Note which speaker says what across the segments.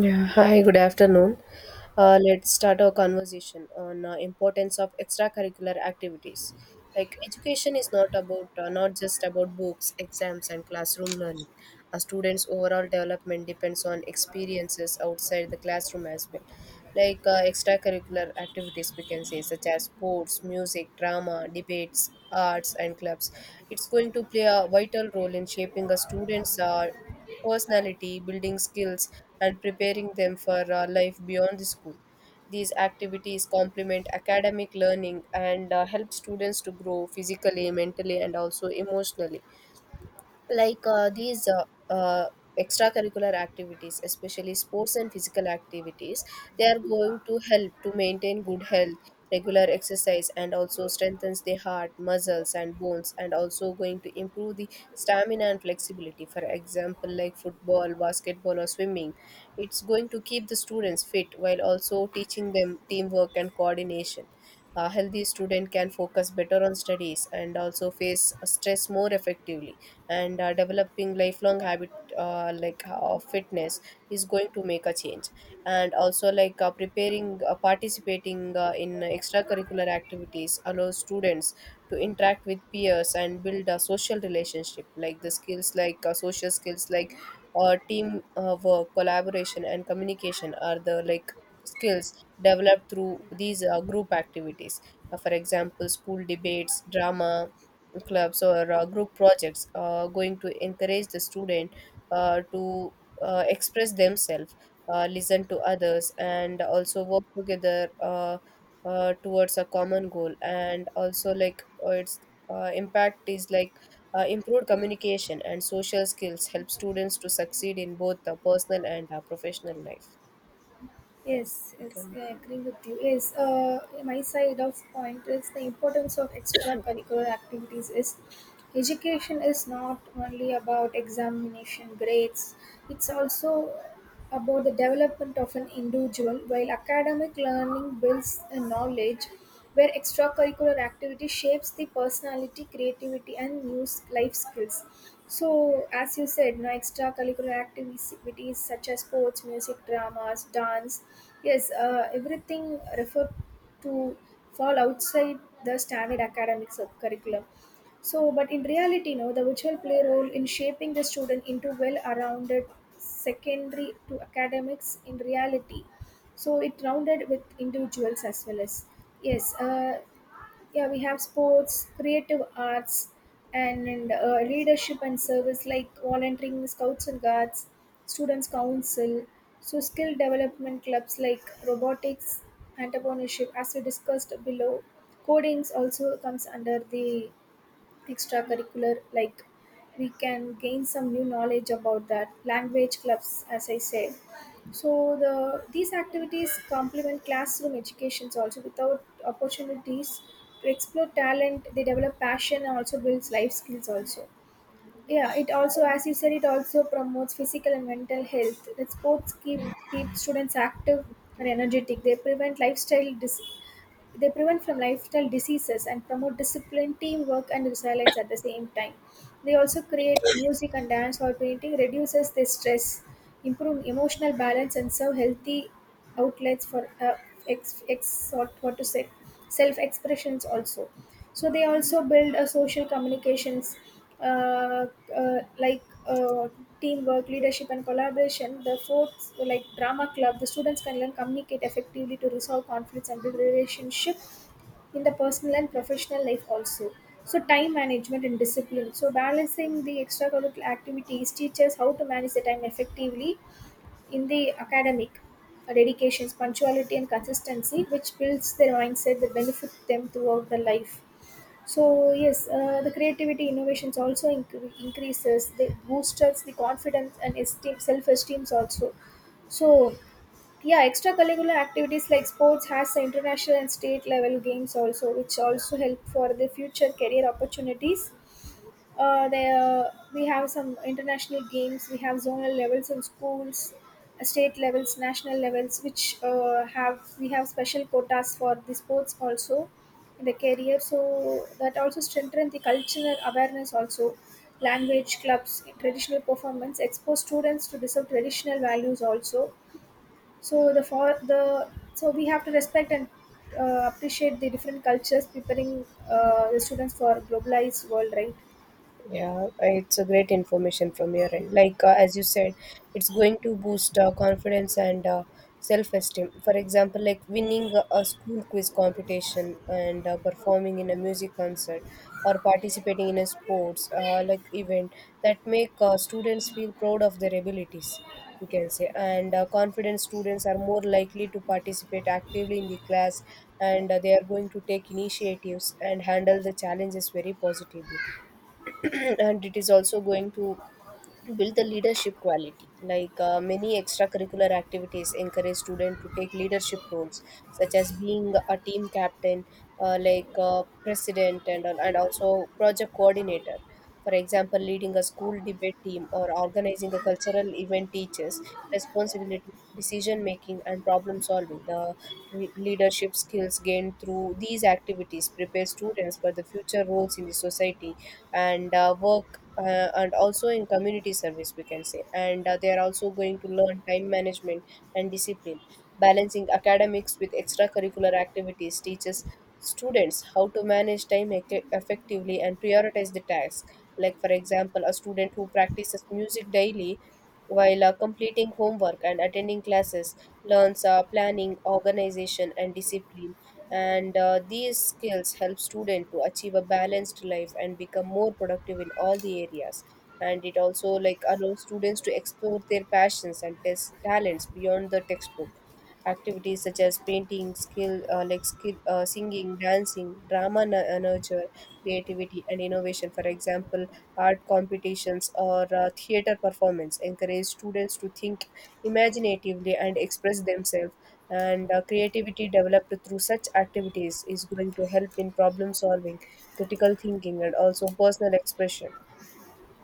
Speaker 1: Yeah, hi, good afternoon. Let's start our conversation on importance of extracurricular activities. Like, education is not about not just about books, exams, and classroom learning. A student's overall development depends on experiences outside the classroom as well. Like, extracurricular activities, we can say, such as sports, music, drama, debates, arts, and clubs. It's going to play a vital role in shaping a student's personality, building skills, and preparing them for life beyond the school. These activities complement academic learning and help students to grow physically, mentally, and also emotionally, like these extracurricular activities, especially sports and physical activities, they are going to help to maintain good health. Regular exercise and also strengthens the heart muscles and bones and also going to improve the stamina and flexibility. For example, like football, basketball, or swimming, it's going to keep the students fit while also teaching them teamwork and coordination. A healthy student can focus better on studies and also face stress more effectively, and developing lifelong habit, like, of fitness is going to make a change. And also, like, preparing participating in extracurricular activities allows students to interact with peers and build a social relationship. Like the skills, like, social skills like team work, collaboration, and communication are the, like, skills developed through these group activities. For example, school debates, drama clubs, or group projects going to encourage the student to express themselves, listen to others, and also work together towards a common goal. And also, like, its impact is, like, improved communication and social skills help students to succeed in both the personal and professional life. Yes,
Speaker 2: Yes,
Speaker 1: you
Speaker 2: yes,
Speaker 1: can.
Speaker 2: I agree with you. Yes, my side of point is the importance of extracurricular activities is education is not only about examination grades, it's also about the development of an individual, while academic learning builds a knowledge where extracurricular activity shapes the personality, creativity, and life skills. So, as you said, no extracurricular activities such as sports, music, dramas, dance, yes, everything referred to fall outside the standard curriculum. So, but in reality, no, the virtual play role in shaping the student into well-rounded secondary to academics in reality so it rounded with individuals as well as yes, yeah, we have sports, creative arts and leadership and service like volunteering, scouts and guards, students council, so skill development clubs like robotics, entrepreneurship, as we discussed below, codings also comes under the extracurricular, like we can gain some new knowledge about that, language clubs as I say. So the these activities complement classroom educations also without opportunities to explore talent, they develop passion and also builds life skills also. Yeah, it also as you said it also promotes physical and mental health, the sports keep keep students active and energetic, they they prevent from lifestyle diseases and promote discipline, teamwork, and resilience at the same time. They also create music and dance or painting, reduces their stress, improve emotional balance, and serve healthy outlets for what to say, self expressions also. So they also build a social communications, uh, uh, like uh, teamwork, leadership and collaboration. The fourth like drama club, the students can learn communicate effectively to resolve conflicts and build relationship in the personal and professional life also. So time management and discipline, so balancing the extracurricular activities teaches how to manage the time effectively in the academic dedications, punctuality and consistency which builds their mindset that benefit them throughout the life. So yes, the creativity innovations also increases. They boosters the confidence and esteem, self-esteems also. So yeah, extracurricular activities like sports has the international and state level games also, which also help for the future career opportunities. There we have some international games, we have zonal levels in schools, state levels, national levels, which have we have special quotas for the sports also in the career, so that also strengthen the cultural awareness also. Language clubs, traditional performance expose students to deserve traditional values also. So the for the so we have to respect and appreciate the different cultures, preparing the students for globalized world, right?
Speaker 1: Yeah, it's a great information from your end. Like, as you said, it's going to boost confidence and self-esteem. For example, like winning a school quiz competition and performing in a music concert or participating in a sports, like, event, that make students feel proud of their abilities. You can say. And confident students are more likely to participate actively in the class, and they are going to take initiatives and handle the challenges very positively. And it is also going to build the leadership quality. Like, many extracurricular activities encourage students to take leadership roles, such as being a team captain, like, president, and also project coordinator. For example, leading a school debate team or organizing a cultural event teaches responsibility, decision making, and problem solving. The leadership skills gained through these activities prepare students for the future roles in the society and work, and also in community service, we can say. And they are also going to learn time management and discipline. Balancing academics with extracurricular activities teaches students how to manage time effectively and prioritize the tasks. Like, for example, a student who practices music daily while completing homework and attending classes learns planning, organization, and discipline. And these skills help student to achieve a balanced life and become more productive in all the areas. And it also, like, allows students to explore their passions and test talents beyond the textbook. Activities such as painting, skill like skill singing, dancing, drama nurture creativity and innovation. For example, art competitions or theater performance encourage students to think imaginatively and express themselves. And creativity developed through such activities is going to help in problem solving, critical thinking, and also personal expression.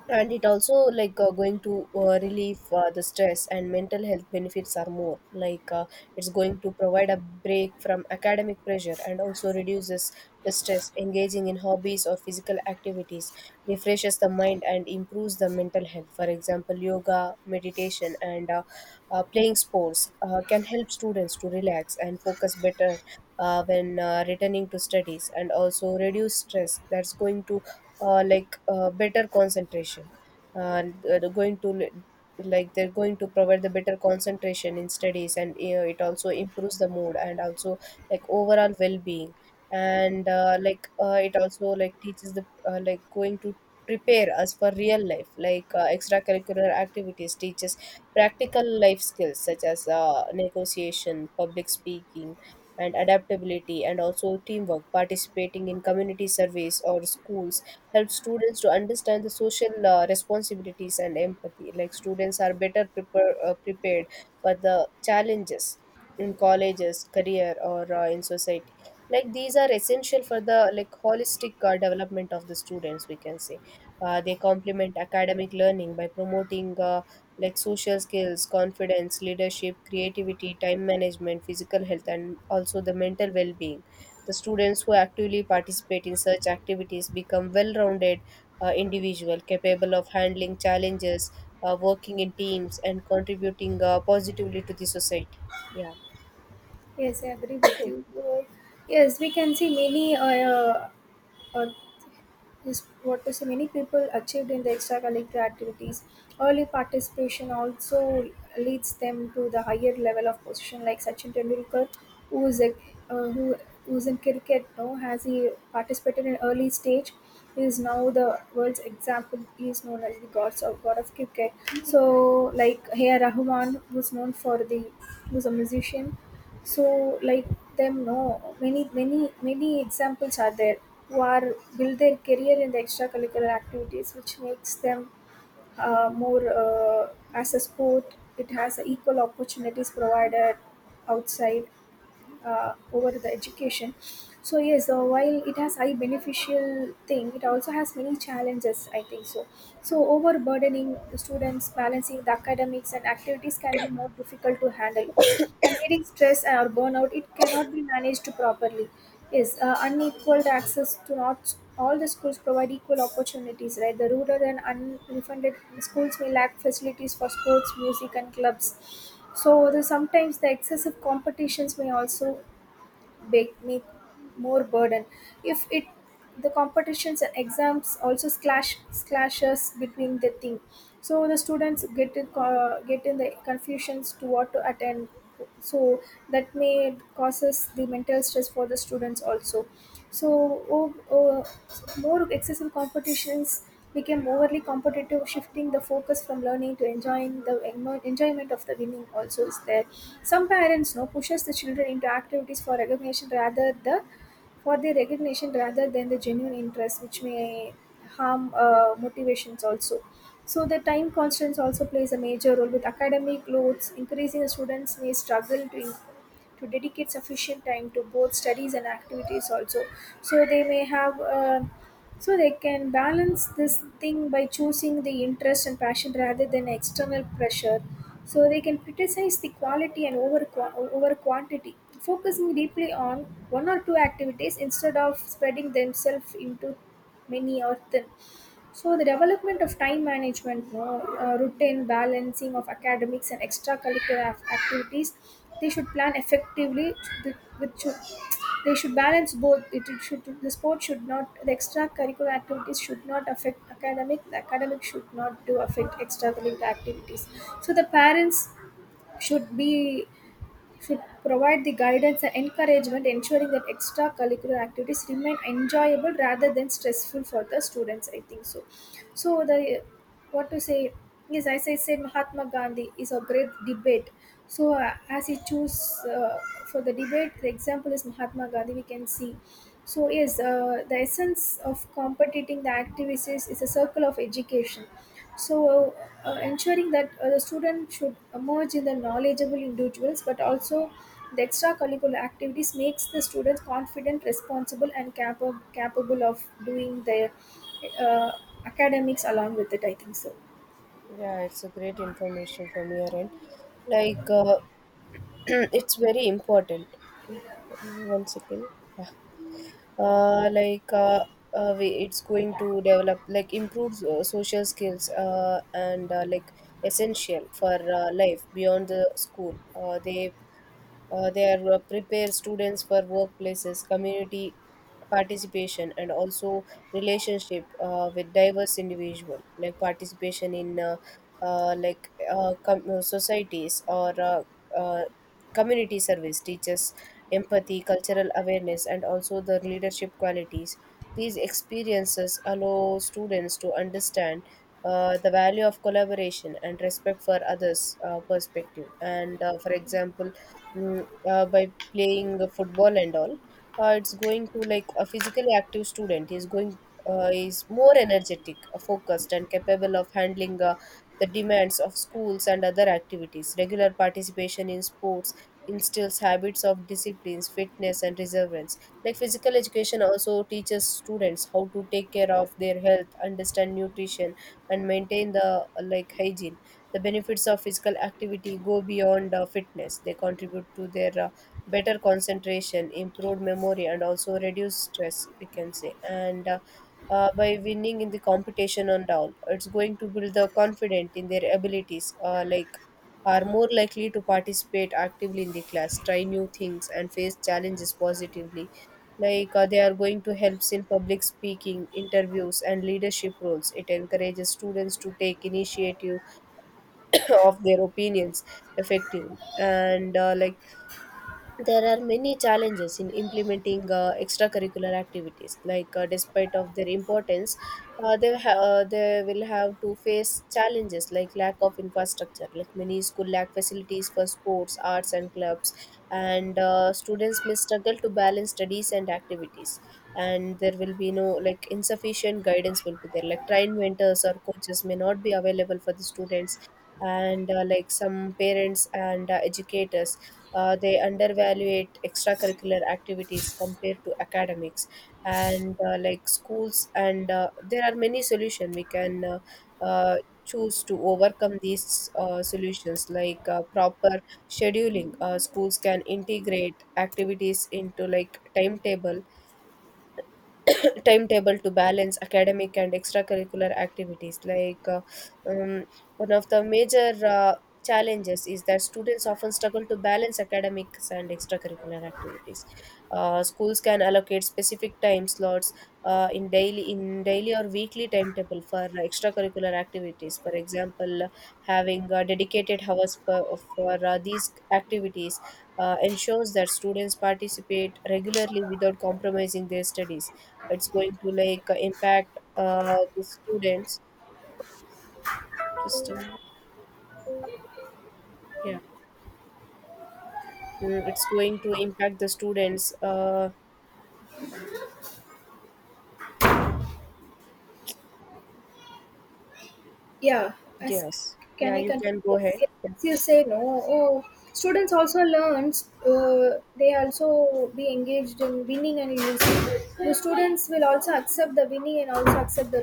Speaker 1: And it also, like, going to relieve the stress, and mental health benefits are more, like, it's going to provide a break from academic pressure and also reduces the stress. Engaging in hobbies or physical activities refreshes the mind and improves the mental health. For example, yoga, meditation, and playing sports can help students to relax and focus better when returning to studies. And also reduce stress, that's going to like better concentration. They're going to li- Like, they're going to provide the better concentration in studies. And you know, it also improves the mood and also, like, overall well-being. And like, it also, like, teaches the, like, going to prepare us for real life. Like, extracurricular activities teaches practical life skills such as negotiation, public speaking, and adaptability, and also teamwork. Participating in community service or schools helps students to understand the social responsibilities and empathy. Like, students are better prepared for the challenges in colleges, career, or in society. Like, these are essential for the, like, holistic development of the students. We can say they complement academic learning by promoting like social skills, confidence, leadership, creativity, time management, physical health, and also the mental well-being. The students who actively participate in such activities become well rounded individuals, capable of handling challenges, working in teams, and contributing positively to the society. Yeah.
Speaker 2: Yes, I agree with you. Yes, we can see many uh, is what to say, many people achieved in the extracurricular activities. Early participation also leads them to the higher level of position, like Sachin Tendulkar, who is a uh, who who's in cricket. No, has he participated in early stage? He is now the world's example. He is known as the god of cricket. So, like Heya Rahman, who's known for the who's a musician. So, like them, no, many, many, many examples are there who are build their career in the extracurricular activities, which makes them more as a sport. It has equal opportunities provided outside over the education. So yes, while it has high beneficial thing, it also has many challenges, I think so. So overburdening the students, balancing the academics and activities can be more difficult to handle. Combating stress or burnout, it cannot be managed properly. Yes, unequal access to not all the schools provide equal opportunities, right? The rural and unfunded schools may lack facilities for sports, music, and clubs. So sometimes the excessive competitions may also make me more burden if it the competitions and exams also clashes between the thing, so the students get in the confusions to what to attend, so that may causes the mental stress for the students also. So, o- uh, more excessive competitions became overly competitive, shifting the focus from learning to enjoying the enjoyment of the winning. Also, is there some parents know pushes the children into activities for recognition rather the for their recognition rather than the genuine interest, which may harm motivations also. So the time constraints also plays a major role with academic loads increasing. The students may to dedicate sufficient time to both studies and activities also. So they may have so they can balance this thing by choosing the interest and passion rather than external pressure. So they can criticize the quality and over quantity, focusing deeply on one or two activities instead of spreading themselves into many or thin. So the development of time management, no, routine balancing of academics and activities, they should plan effectively. Which should, they should balance both. It should the sport should not the extracurricular activities should not affect academic. The academic should not do affect extracurricular activities. So the parents should be should provide the guidance and encouragement, ensuring that extracurricular activities remain enjoyable rather than stressful for the students, I think so. So the what to say? Yes, as I said, Mahatma Gandhi is a great debate. So as he choose for the debate, the example is Mahatma Gandhi, we can see. So yes, the essence of competiting the activities is a circle of education, so ensuring that the student should emerge in the knowledgeable individuals but also the extracurricular activities makes the students confident, responsible and capable of doing their uh, academics along with it, I think so.
Speaker 1: Yeah, it's a great information from your end. Like, it's very important. One second. Yeah. uh, like uh, it's going to develop, like, improve social skills, and like, essential for life beyond the school. They are prepare students for workplaces, community participation, and also relationship with diverse individual. Like, participation in like, societies or uh, community service teaches empathy, cultural awareness, and also the leadership qualities. These experiences allow students to understand the value of collaboration and respect for others' perspective. And for example, mm, by playing football and all, it's going to, like, a physically active student is more energetic, focused, and capable of handling the demands of schools and other activities. Regular participation in sports instills habits of disciplines, fitness, and perseverance. Like, physical education also teaches students how to take care of their health, understand nutrition, and maintain the, like, hygiene. The benefits of physical activity go beyond fitness. They contribute to their better concentration, improved memory, and also reduce stress, we can say. And by winning in the competition and all, it's going to build the confidence in their abilities. Like, are more likely to participate actively in the class, try new things, and face challenges positively. Like, they are going to help in public speaking, interviews, and leadership roles. It encourages students to take initiative of their opinions effectively. And like, there are many challenges in implementing extracurricular activities. Like, despite of their importance, they will have to face challenges like lack of infrastructure. Like, many school lack facilities for sports, arts, and clubs, and students may struggle to balance studies and activities. And there will be no, like, insufficient guidance will be there, like, trained mentors or coaches may not be available for the students. And like, some parents and educators, they undervaluate extracurricular activities compared to academics. And like, schools, and there are many solutions we can choose to overcome these solutions. Like, proper scheduling, schools can integrate activities into, like, timetable, timetable, to balance academic and extracurricular activities. Like, um, one of the major challenges is that students often struggle to balance academics and extracurricular activities. Schools can allocate specific time slots in daily or weekly timetable for extracurricular activities. For example, having dedicated hours for these activities ensures that students participate regularly without compromising their studies. It's going to, like, impact the students. Just a minute. Yeah. Mm, it's going to impact the students.
Speaker 2: Yeah, as
Speaker 1: Yes,
Speaker 2: can
Speaker 1: yeah,
Speaker 2: I
Speaker 1: you can
Speaker 2: continue?
Speaker 1: go
Speaker 2: Yes,
Speaker 1: ahead. Yeah,
Speaker 2: yes, you say, no, oh, students also learns they also be engaged in winning and losing, the students will also accept the winning and also accept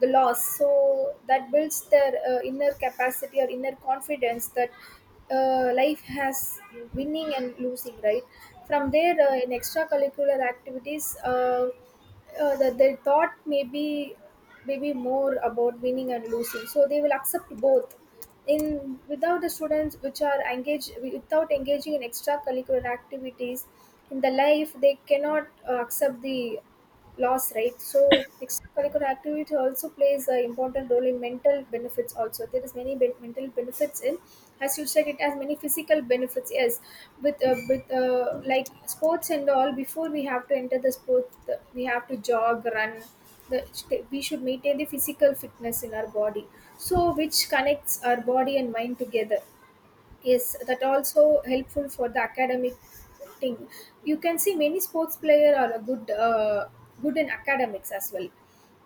Speaker 2: the loss, so that builds their inner capacity or inner confidence that life has winning and losing, right? From there, in extracurricular activities, that they thought maybe more about winning and losing, so they will accept both in without the students which are engaged without engaging in extracurricular activities in the life, they cannot accept the loss, right? So extracurricular activity also plays an important role in mental benefits also, there is mental benefits in, as you said, it has many physical benefits, yes. With like sports and all, before we have to enter the sport, we have to jog, run the, we should maintain the physical fitness in our body, so which connects our body and mind together. Yes, that also helpful for the academic thing. You can see many sports player are a good in academics as well.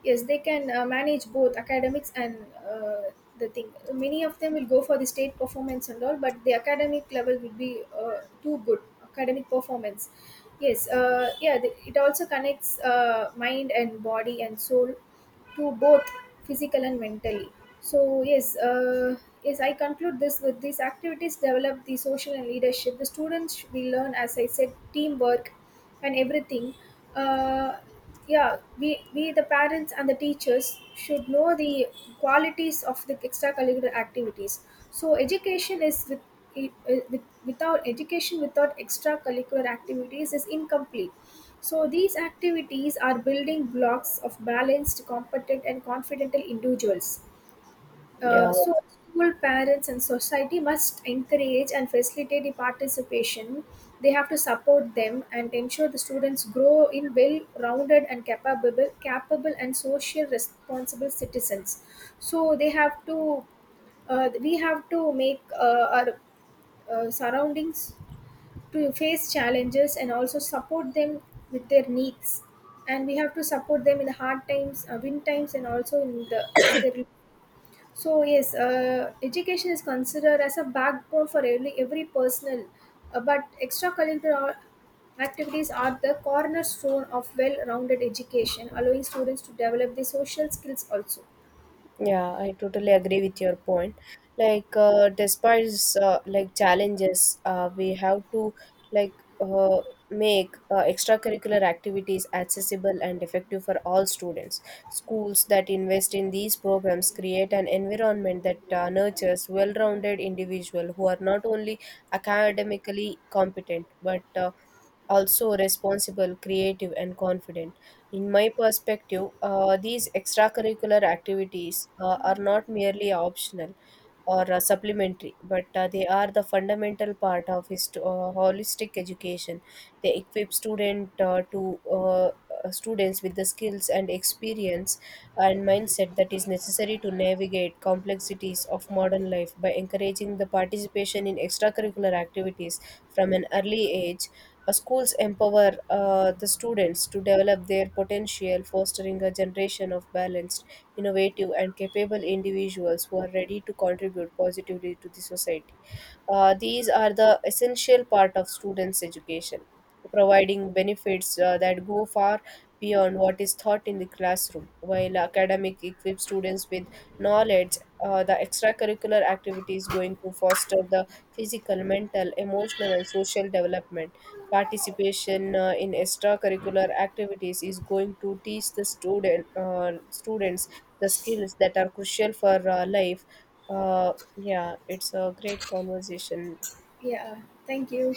Speaker 2: Yes, they can manage both academics and uh, the thing. Many of them will go for the state performance and all, but the academic level will be too good. Academic performance. Yes, yeah, it also connects mind and body and soul, to both physical and mentally. So yes, yes, I conclude this with these activities develop the social and leadership, the students we learn as I said teamwork and everything. uh, yeah, we the parents and the teachers should know the qualities of the extracurricular activities. So with without education, without extracurricular activities is incomplete. So these activities are building blocks of balanced, competent, and confident individuals.
Speaker 1: yeah.
Speaker 2: So school, parents and society must encourage and facilitate the participation. They have to support them and ensure the students grow in well-rounded and capable and social responsible citizens. So they have to, we have to make our surroundings to face challenges and also support them with their needs, and we have to support them in the hard times, win times and also in the in their. So yes, education is considered as a backbone for every personal, but extracurricular activities are the cornerstone of well-rounded education, allowing students to develop their social skills also.
Speaker 1: Yeah, I totally agree with your point. Like, despite like challenges, we have to, like, uh, make extracurricular activities accessible and effective for all students. Schools that invest in these programs create an environment that nurtures well-rounded individuals who are not only academically competent but also responsible, creative, and confident. In my perspective, these extracurricular activities are not merely optional or supplementary, but they are the fundamental part of holistic education. They equip students with the skills and experience and mindset that is necessary to navigate complexities of modern life. By encouraging the participation in extracurricular activities from an early age, schools empower the students to develop their potential, fostering a generation of balanced, innovative, and capable individuals who are ready to contribute positively to the society. These are the essential part of students' education, providing benefits that go far beyond what is taught in the classroom. While academic equips students with knowledge, the extracurricular activity is going to foster the physical, mental, emotional, and social development. Participation in extracurricular activities is going to teach the student students the skills that are crucial for life. Yeah, it's a great conversation.
Speaker 2: Yeah, thank you.